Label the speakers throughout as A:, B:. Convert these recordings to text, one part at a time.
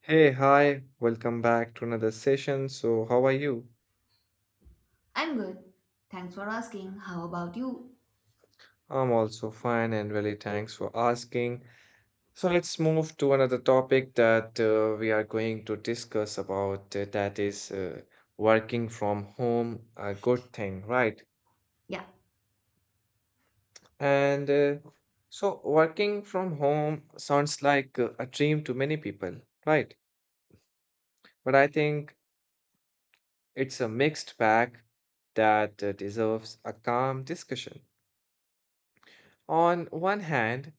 A: Hey, hi, welcome back to another session. So, how are you?
B: I'm good. Thanks for asking. How about you?
A: I'm also fine and really thanks for asking. So, let's move to another topic that we are going to discuss about that is working from home, a good thing, right?
B: Yeah.
A: And uh, working from home sounds like a dream to many people, right? But I think it's a mixed bag that deserves a calm discussion. On one hand,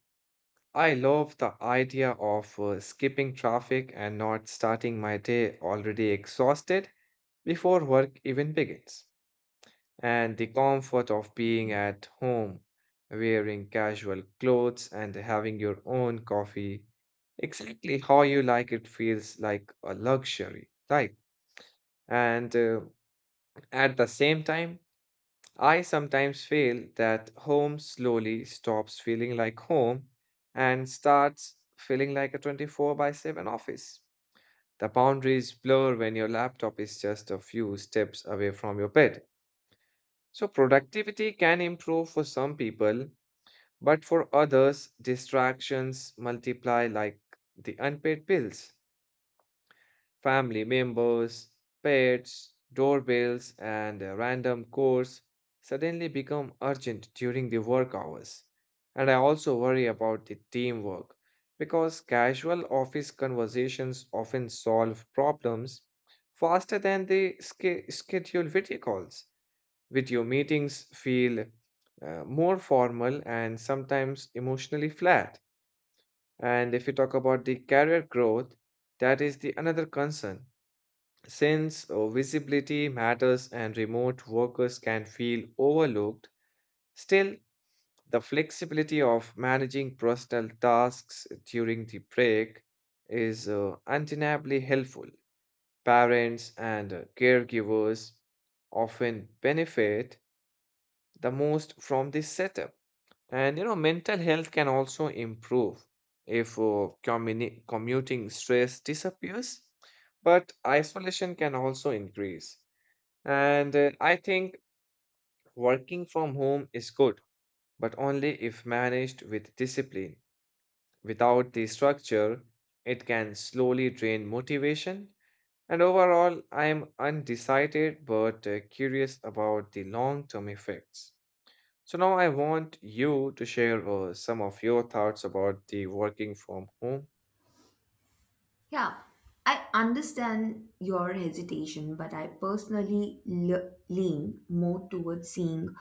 A: I love the idea of skipping traffic and not starting my day already exhausted before work even begins. And the comfort of being at home, wearing casual clothes and having your own coffee, exactly how you like it feels like a luxury, right? And at the same time, I sometimes feel that home slowly stops feeling like home and starts feeling like a 24 by 7 office. The boundaries blur when your laptop is just a few steps away from your bed. So, productivity can improve for some people, but for others, distractions multiply like the unpaid bills family members, pets, doorbells, and random chores suddenly become urgent during the work hours. And I also worry about the teamwork because casual office conversations often solve problems faster than the scheduled video calls. Video meetings feel more formal and sometimes emotionally flat. And if you talk about the career growth, that is the another concern since visibility matters and remote workers can feel overlooked, still, the flexibility of managing personal tasks during the break is undeniably helpful. Parents and caregivers often benefit the most from this setup. And you know, mental health can also improve if commuting stress disappears, but isolation can also increase and I think working from home is good, but only if managed with discipline. Without the structure, it can slowly drain motivation. And overall, I am undecided but curious about the long-term effects. So now I want you to share some of your thoughts about the working from home.
B: Yeah. I understand your hesitation, but I personally lean more towards seeing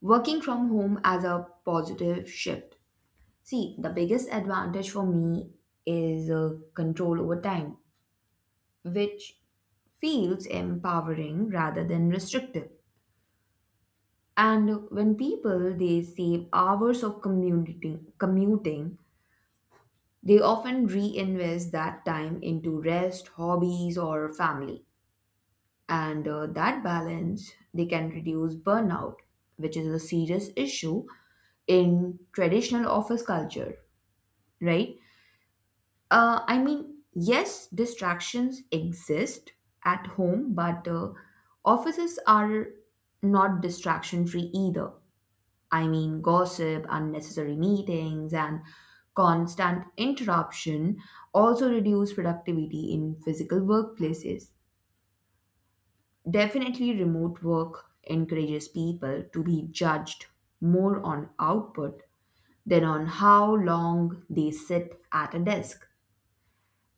B: working from home as a positive shift. See, the biggest advantage for me is control over time, which feels empowering rather than restrictive. And when people they save hours of community commuting. They often reinvest that time into rest, hobbies, or family. And that balance, they can reduce burnout, which is a serious issue in traditional office culture, right? I mean, yes, distractions exist at home, but offices are not distraction free either. I mean, gossip, unnecessary meetings, and constant interruption also reduce productivity in physical workplaces. Definitely, remote work encourages people to be judged more on output than on how long they sit at a desk.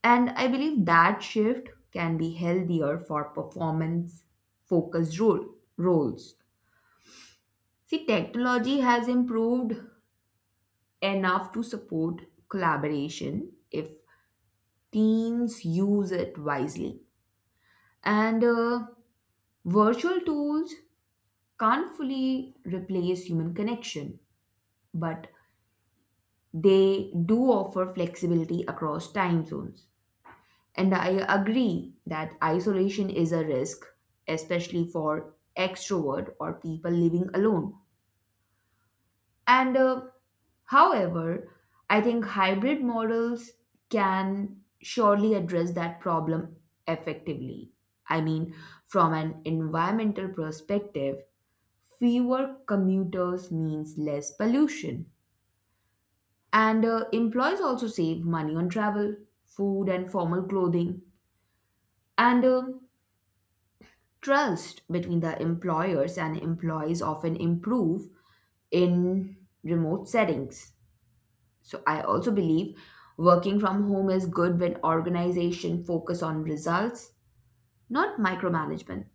B: And I believe that shift can be healthier for performance focused role, roles. See, technology has improved enough to support collaboration if teams use it wisely. And virtual tools can't fully replace human connection, but they do offer flexibility across time zones. And I agree that isolation is a risk, especially for extrovert or people living alone. And however, I think hybrid models can surely address that problem effectively. I mean, from an environmental perspective, fewer commuters means less pollution. And employees also save money on travel, food, and formal clothing. And trust between the employers and employees often improve in remote settings. So I also believe working from home is good when organization focus on results, not micromanagement.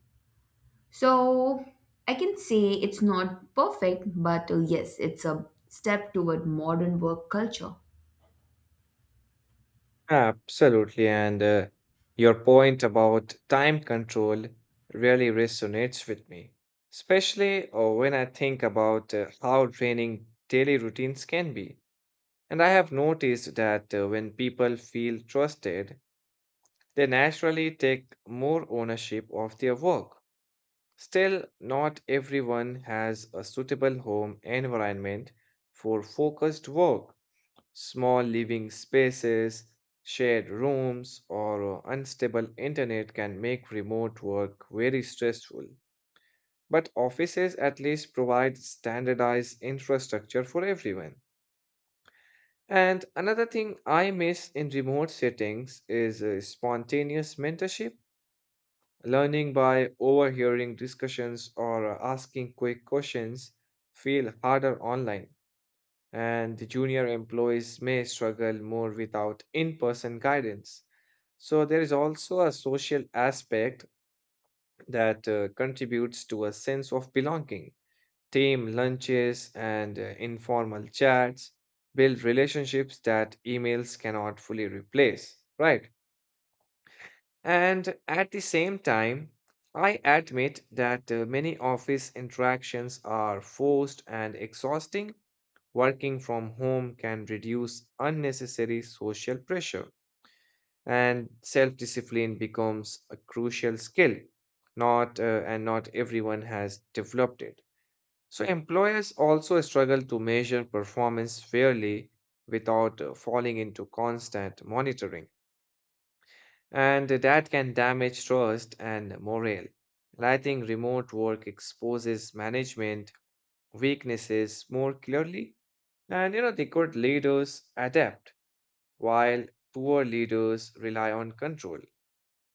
B: So I can say it's not perfect, but yes, it's a step toward modern work culture.
A: Absolutely. And your point about time control really resonates with me, especially when I think about how draining daily routines can be. And I have noticed that when people feel trusted, they naturally take more ownership of their work. Still, not everyone has a suitable home environment for focused work. Small living spaces, shared rooms, or unstable internet can make remote work very stressful. But offices at least provide standardized infrastructure for everyone. And another thing I miss in remote settings is spontaneous mentorship, learning by overhearing discussions or asking quick questions feel harder online and the junior employees may struggle more without in person guidance. So, there is also a social aspect that contributes to a sense of belonging. Team lunches and informal chats build relationships that emails cannot fully replace, right? And at the same time, I admit that many office interactions are forced and exhausting. Working from home can reduce unnecessary social pressure, and self discipline becomes a crucial skill. Not and not everyone has developed it. So, employers also struggle to measure performance fairly without falling into constant monitoring, and that can damage trust and morale. And I think remote work exposes management weaknesses more clearly, and you know, they good leaders adapt while poor leaders rely on control.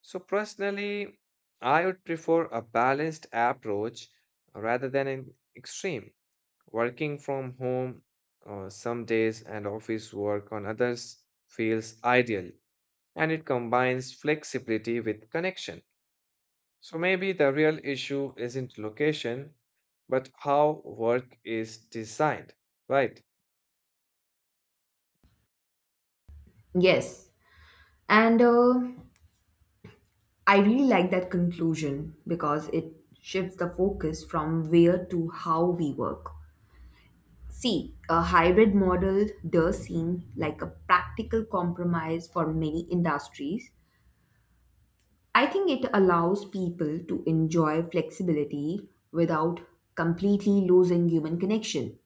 A: So, personally, I would prefer a balanced approach rather than an extreme. Working from home some days and office work on others feels ideal and it combines flexibility with connection. So, maybe the real issue isn't location, but how work is designed, right?
B: Yes. And I really like that conclusion because it shifts the focus from where to how we work. See, a hybrid model does seem like a practical compromise for many industries. I think it allows people to enjoy flexibility without completely losing human connection.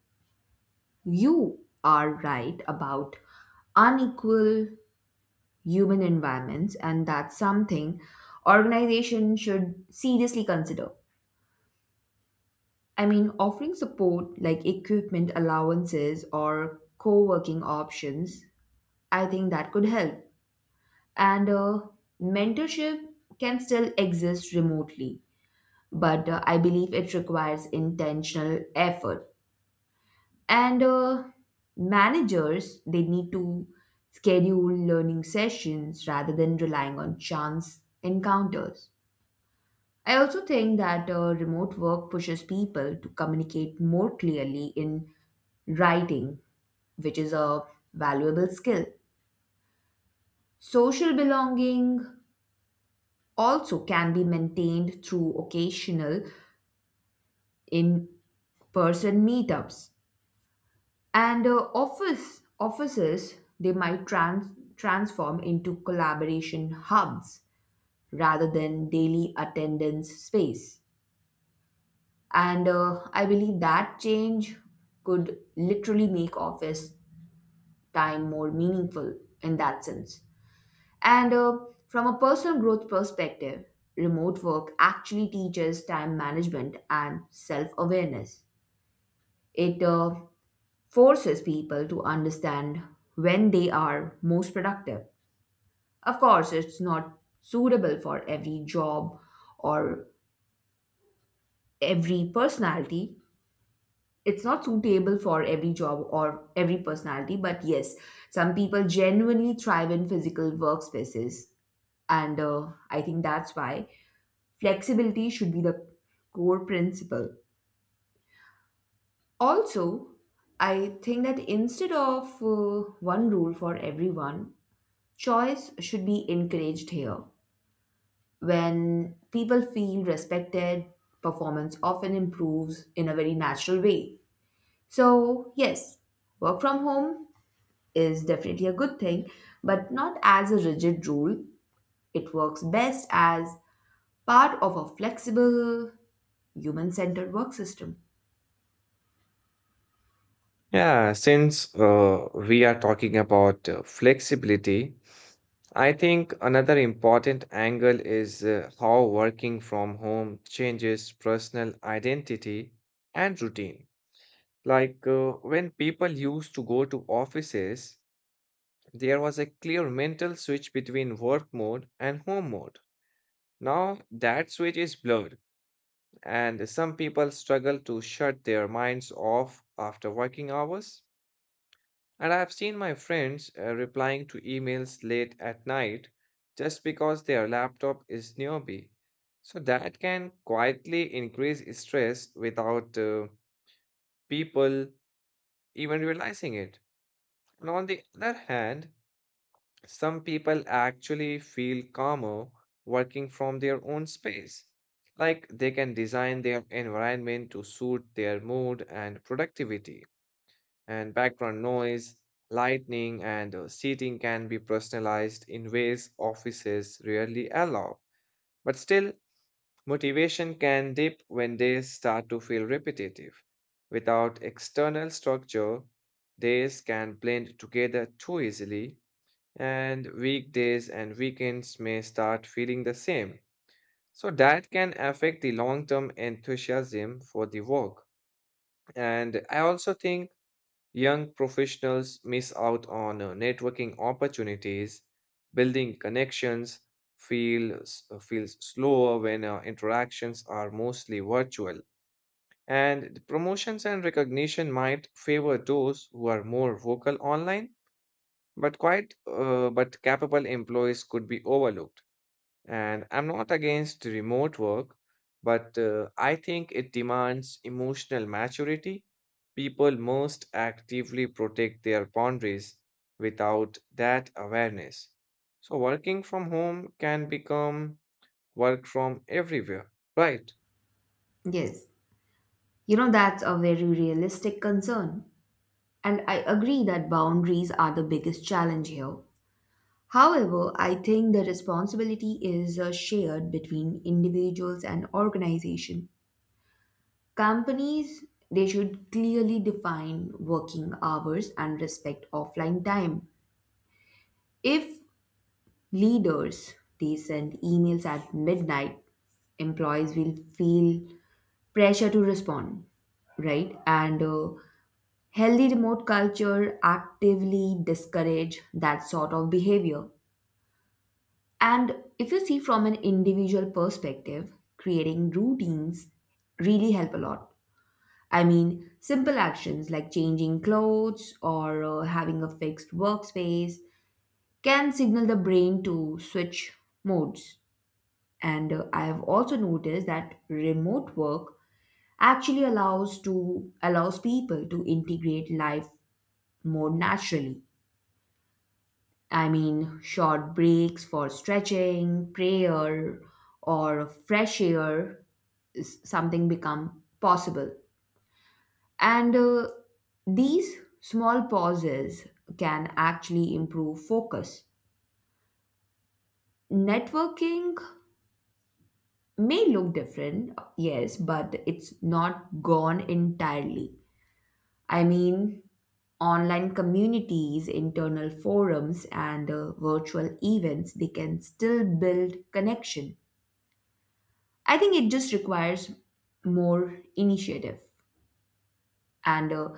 B: You are right about unequal human environments, and that's something organizations should seriously consider. I mean, offering support like equipment allowances or co working options, I think that could help. And mentorship can still exist remotely but I believe it requires intentional effort. And managers, they need to schedule learning sessions rather than relying on chance encounters. I also think that remote work pushes people to communicate more clearly in writing, which is a valuable skill. Social belonging also can be maintained through occasional in person meetups and offices they might transform into collaboration hubs rather than daily attendance space, and I believe that change could literally make office time more meaningful in that sense. And from a personal growth perspective, remote work actually teaches time management and self-awareness. It forces people to understand when they are most productive. Of course, it's not suitable for every job or every personality. It's not suitable for every job or every personality, but yes, some people genuinely thrive in physical workspaces. And I think that's why flexibility should be the core principle. Also, I think that instead of one rule for everyone, choice should be encouraged here. When people feel respected, performance often improves in a very natural way. So, yes, work from home is definitely a good thing, but not as a rigid rule. It works best as part of a flexible, human centered work system.
A: Yeah, since we are talking about flexibility, I think another important angle is how working from home changes personal identity and routine. Like when people used to go to offices, there was a clear mental switch between work mode and home mode. Now that switch is blurred, and some people struggle to shut their minds off after working hours. And I've seen my friends replying to emails late at night just because their laptop is nearby. So that can quietly increase stress without people even realizing it. And on the other hand, some people actually feel calmer working from their own space. Like they can design their environment to suit their mood and productivity. And background noise, lighting, and seating can be personalized in ways offices rarely allow. But still, motivation can dip when days start to feel repetitive. Without external structure, days can blend together too easily, and weekdays and weekends may start feeling the same. So, that can affect the long term enthusiasm for the work. And I also think young professionals miss out on networking opportunities, building connections, feels slower when interactions are mostly virtual. And the promotions and recognition might favor those who are more vocal online, but quite but capable employees could be overlooked. And I'm not against remote work, but I think it demands emotional maturity. People must actively protect their boundaries without that awareness. So, working from home can become work from everywhere, right?
B: Yes, you know, that's a very realistic concern. And I agree that boundaries are the biggest challenge here. However, I think the responsibility is shared between individuals and organization. Companies they should clearly define working hours and respect offline time. If leaders they send emails at midnight, employees will feel pressure to respond, right? And healthy remote culture actively discourage that sort of behavior. And if you see from an individual perspective, creating routines really help a lot. I mean, simple actions like changing clothes or having a fixed workspace can signal the brain to switch modes. And I have also noticed that remote work actually allows people to integrate life more naturally. I mean, short breaks for stretching, prayer, or fresh air, something become possible. And these small pauses can actually improve focus. Networking may look different, yes, but it's not gone entirely. I mean, online communities, internal forums, and virtual events, they can still build connection. I think it just requires more initiative. And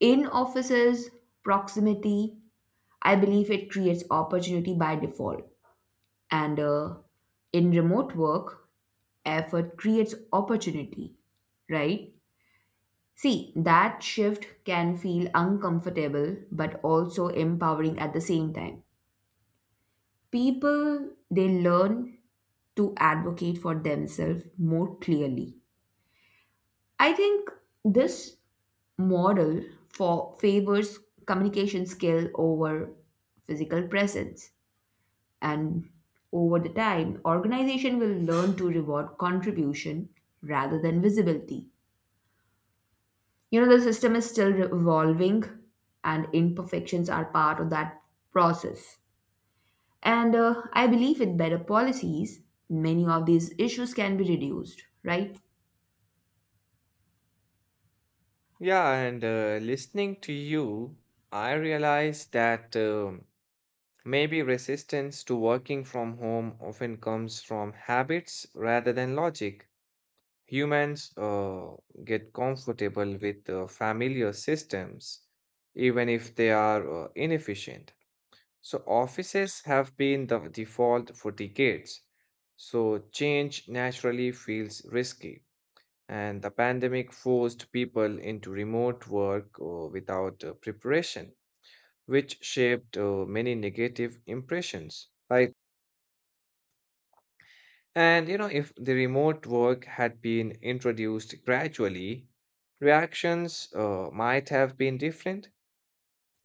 B: in offices, proximity, I believe it creates opportunity by default. And in remote work, effort creates opportunity, right? See, that shift can feel uncomfortable but also empowering at the same time. People, they learn to advocate for themselves more clearly. I think this model for favors communication skill over physical presence, and over the time organization will learn to reward contribution rather than visibility. You know, the system is still evolving, and imperfections are part of that process. And I believe with better policies many of these issues can be reduced, right?
A: Yeah, and listening to you, I realize that maybe resistance to working from home often comes from habits rather than logic. Humans get comfortable with familiar systems, even if they are inefficient. So, offices have been the default for decades. So, change naturally feels risky. And the pandemic forced people into remote work without preparation, which shaped many negative impressions. And you know, if the remote work had been introduced gradually, reactions might have been different.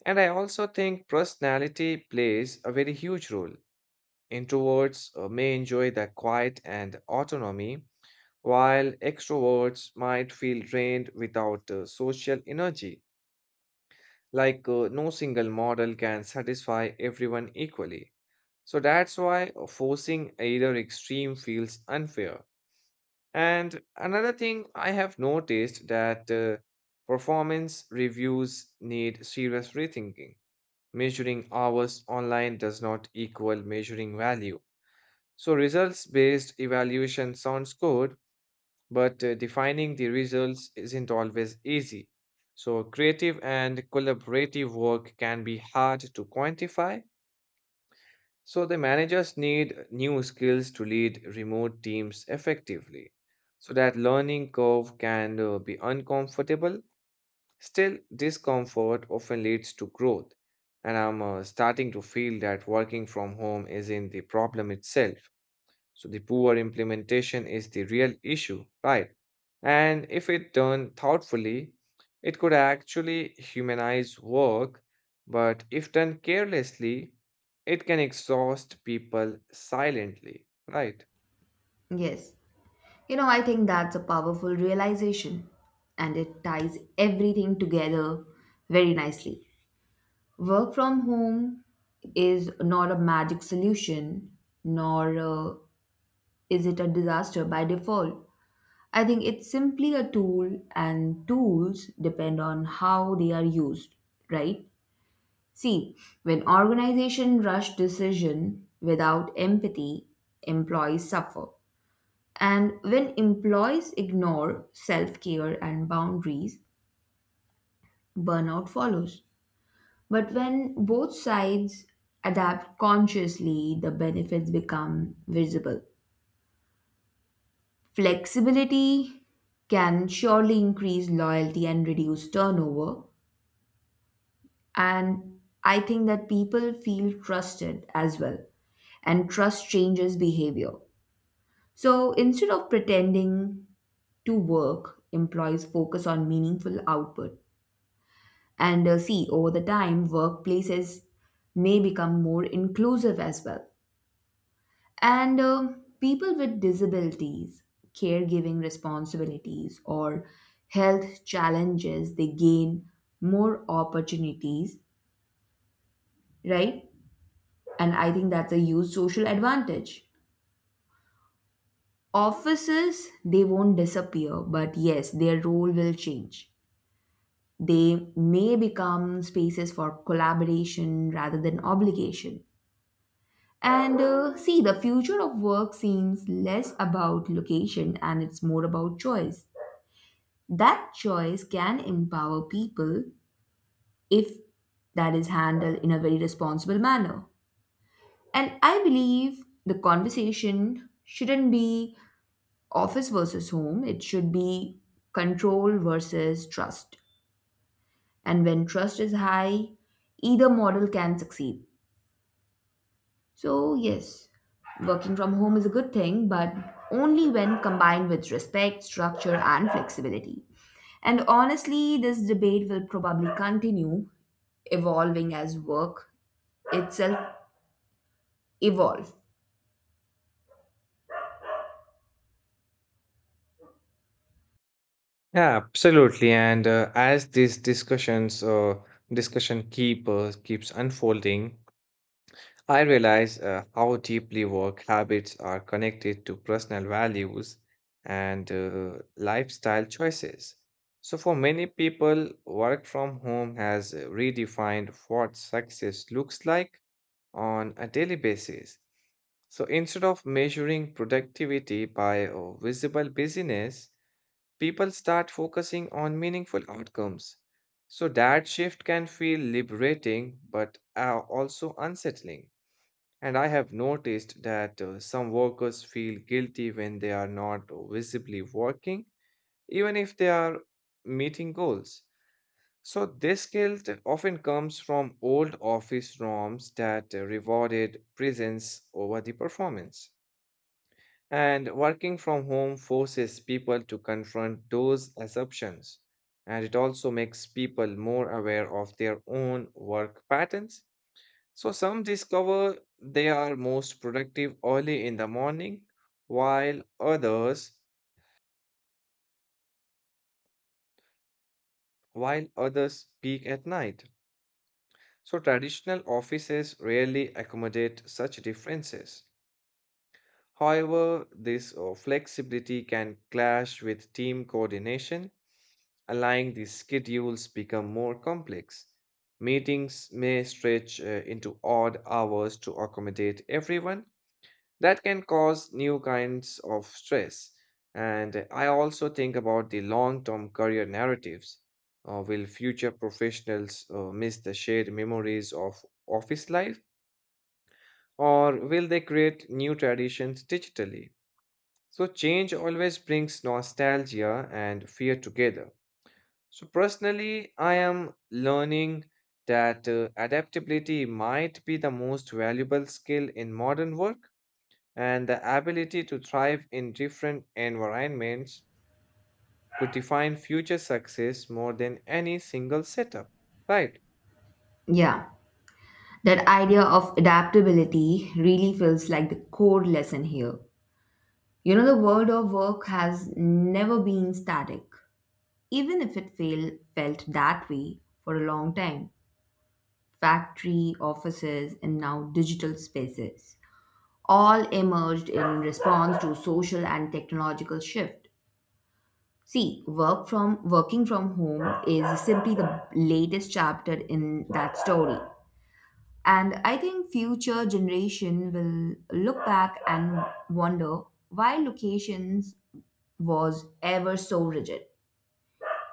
A: And I also think personality plays a very huge role. Introverts may enjoy the quiet and autonomy, while extroverts might feel drained without social energy. Like no single model can satisfy everyone equally. So that's why forcing either extreme feels unfair. And another thing I have noticed that performance reviews need serious rethinking. Measuring hours online does not equal measuring value. So, results based evaluation sounds good, but defining the results isn't always easy. So, creative and collaborative work can be hard to quantify so the managers need new skills to lead remote teams effectively. So that learning curve can be uncomfortable. Still, discomfort often leads to growth. And I'm starting to feel that working from home isn't the problem itself. So the poor implementation is the real issue, right? And if it done thoughtfully, it could actually humanize work, but if done carelessly, it can exhaust people silently, right?
B: Yes. You know, I think that's a powerful realization and it ties everything together very nicely. Work from home is not a magic solution, nor is it a disaster by default. I think it's simply a tool, and tools depend on how they are used, right? See, when organizations rush decision without empathy, employees suffer. And when employees ignore self care and boundaries, burnout follows. But when both sides adapt consciously, the benefits become visible. Flexibility can surely increase loyalty and reduce turnover. And I think that people feel trusted as well. And trust changes behavior. So instead of pretending to work, employees focus on meaningful output. And see, over the time, workplaces may become more inclusive as well. And people with disabilities, caregiving responsibilities, or health challenges, they gain more opportunities, right? And I think that's a huge social advantage. Offices, they won't disappear, but yes, their role will change. They may become spaces for collaboration rather than obligation. And see, the future of work seems less about location and it's more about choice. That choice can empower people if that is handled in a very responsible manner. And I believe the conversation shouldn't be office versus home, it should be control versus trust. And when trust is high, either model can succeed. So, yes, working from home is a good thing, but only when combined with respect, structure, and flexibility. And honestly, this debate will probably continue evolving as work itself evolves.
A: Yeah, absolutely. And as this discussion keeps unfolding, I realize how deeply work habits are connected to personal values and lifestyle choices. So, for many people, work from home has redefined what success looks like on a daily basis. So, instead of measuring productivity by visible busyness, people start focusing on meaningful outcomes. So, that shift can feel liberating but also unsettling. And I have noticed that some workers feel guilty when they are not visibly working, even if they are meeting goals. So, this guilt often comes from old office norms that rewarded presence over the performance. And working from home forces people to confront those assumptions. And it also makes people more aware of their own work patterns so some discover they are most productive early in the morning, while others peak at night. So traditional offices rarely accommodate such differences. However, this flexibility can clash with team coordination, allowing the schedules become more complex. Meetings may stretch into odd hours to accommodate everyone, that can cause new kinds of stress. And I also think about the long term career narratives. Will future professionals miss the shared memories of office life, or will they create new traditions digitally? So, change always brings nostalgia and fear together. So, personally, I am learning that adaptability might be the most valuable skill in modern work and the ability to thrive in different environments could define future success more than any single setup. Right.
B: Yeah, that idea of adaptability really feels like the core lesson here. You know, the world of work has never been static, even if felt that way for a long time. Factory, offices, and now digital spaces, all emerged in response to social and technological shift. See, working from home is simply the latest chapter in that story. And I think future generation will look back and wonder why locations was ever so rigid.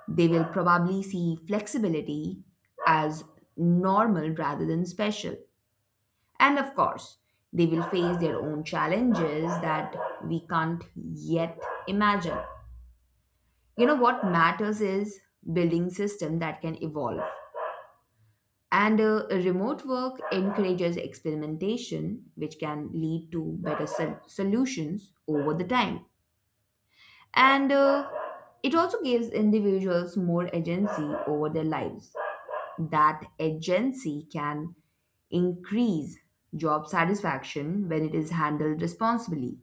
B: They will probably see flexibility as normal rather than special. And of course, they will face their own challenges that we can't yet imagine. You know, what matters is building system that can evolve. And remote work encourages experimentation, which can lead to better solutions over the time. And it also gives individuals more agency over their lives. That agency can increase job satisfaction when it is handled responsibly.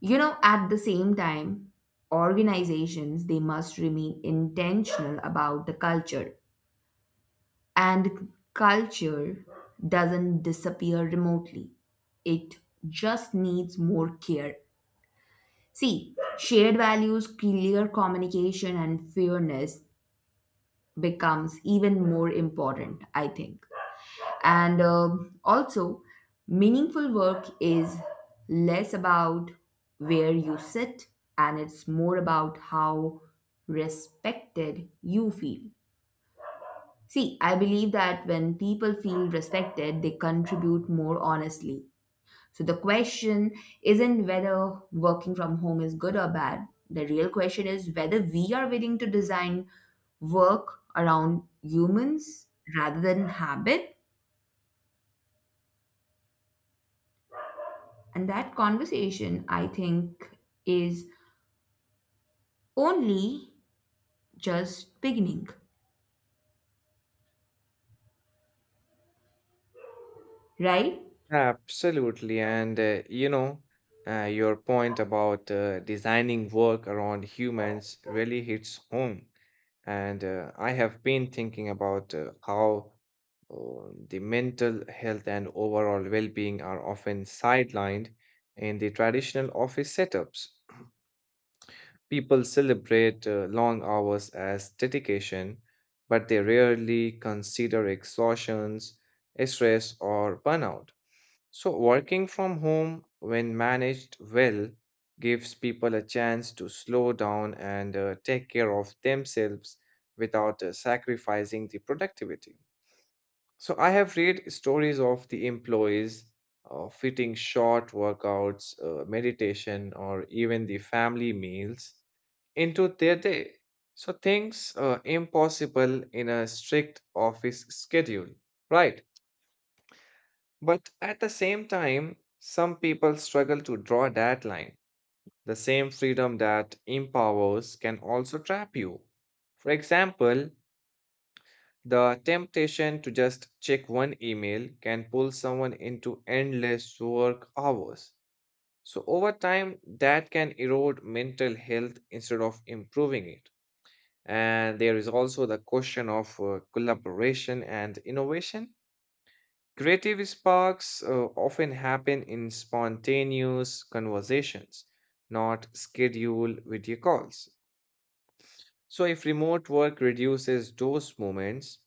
B: You know, at the same time, organizations they must remain intentional about the culture, and culture doesn't disappear remotely, it just needs more care. See, shared values, clear communication, and fairness becomes even more important, I think. And also, meaningful work is less about where you sit and it's more about how respected you feel. See, I believe that when people feel respected, they contribute more honestly. So the question isn't whether working from home is good or bad. The real question is whether we are willing to design work around humans rather than habit. And that conversation, I think, is only just beginning, right?
A: Absolutely. And you know, your point about designing work around humans really hits home. And I have been thinking about how the mental health and overall well being are often sidelined in the traditional office setups. People celebrate long hours as dedication, but they rarely consider exhaustions, stress, or burnout. So, working from home, when managed well, gives people a chance to slow down and take care of themselves without sacrificing the productivity. So, I have read stories of the employees fitting short workouts, meditation, or even the family meals into their day. So things are impossible in a strict office schedule, right? But at the same time, some people struggle to draw that line. The same freedom that empowers can also trap you. For example, the temptation to just check one email can pull someone into endless work hours. So, over time, that can erode mental health instead of improving it. And there is also the question of collaboration and innovation. Creative sparks often happen in spontaneous conversations, not scheduled video calls. So, if remote work reduces those moments,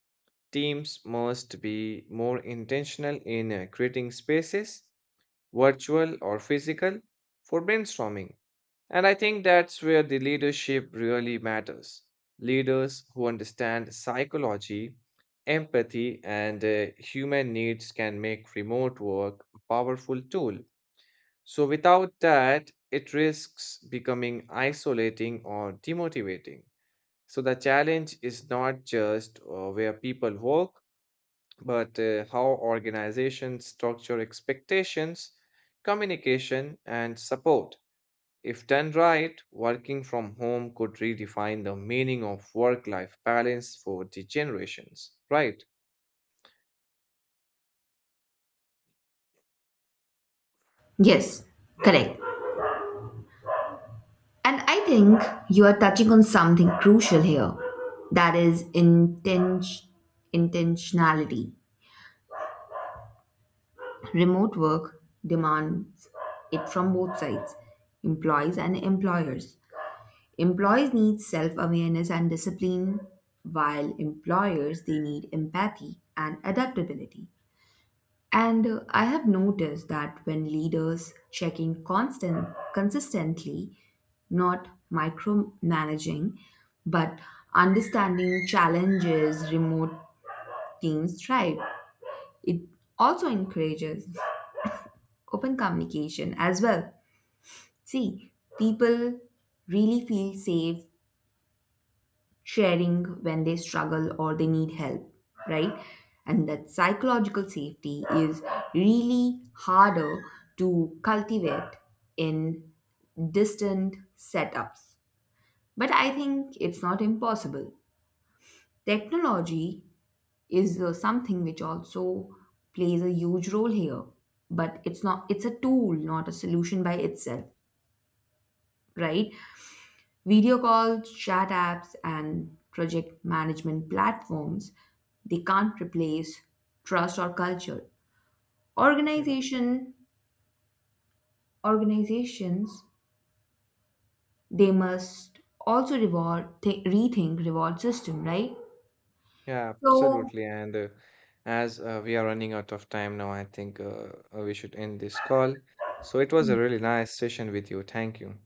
A: teams must be more intentional in creating spaces, virtual or physical, for brainstorming and I think that's where the leadership really matters. Leaders who understand psychology, empathy, and human needs can make remote work a powerful tool. So, without that, it risks becoming isolating or demotivating. So, the challenge is not just where people work, but how organizations structure expectations, communication, and support. If done right, working from home could redefine the meaning of work life balance for the generations, right?
B: Yes, correct. And I think you are touching on something crucial here, that is intentionality. Remote work demands it from both sides, employees and employers. Employees need self awareness and discipline, while employers they need empathy and adaptability. And I have noticed that when leaders check in consistently, not micromanaging, but understanding challenges, remote teams thrive. It also encourages open communication as well. See, people really feel safe sharing when they struggle or they need help, right? And that psychological safety is really harder to cultivate in distant setups. But I think it's not impossible. Technology is something which also plays a huge role here, but it's a tool, not a solution by itself, right? Video calls, chat apps, and project management platforms, they can't replace trust or culture.
A: Yeah.
B: Organization organizations they must also rethink reward system, right?
A: Yeah,
B: So
A: absolutely. And as we are running out of time now, I think we should end this call. So it was a really nice session with you. Thank you.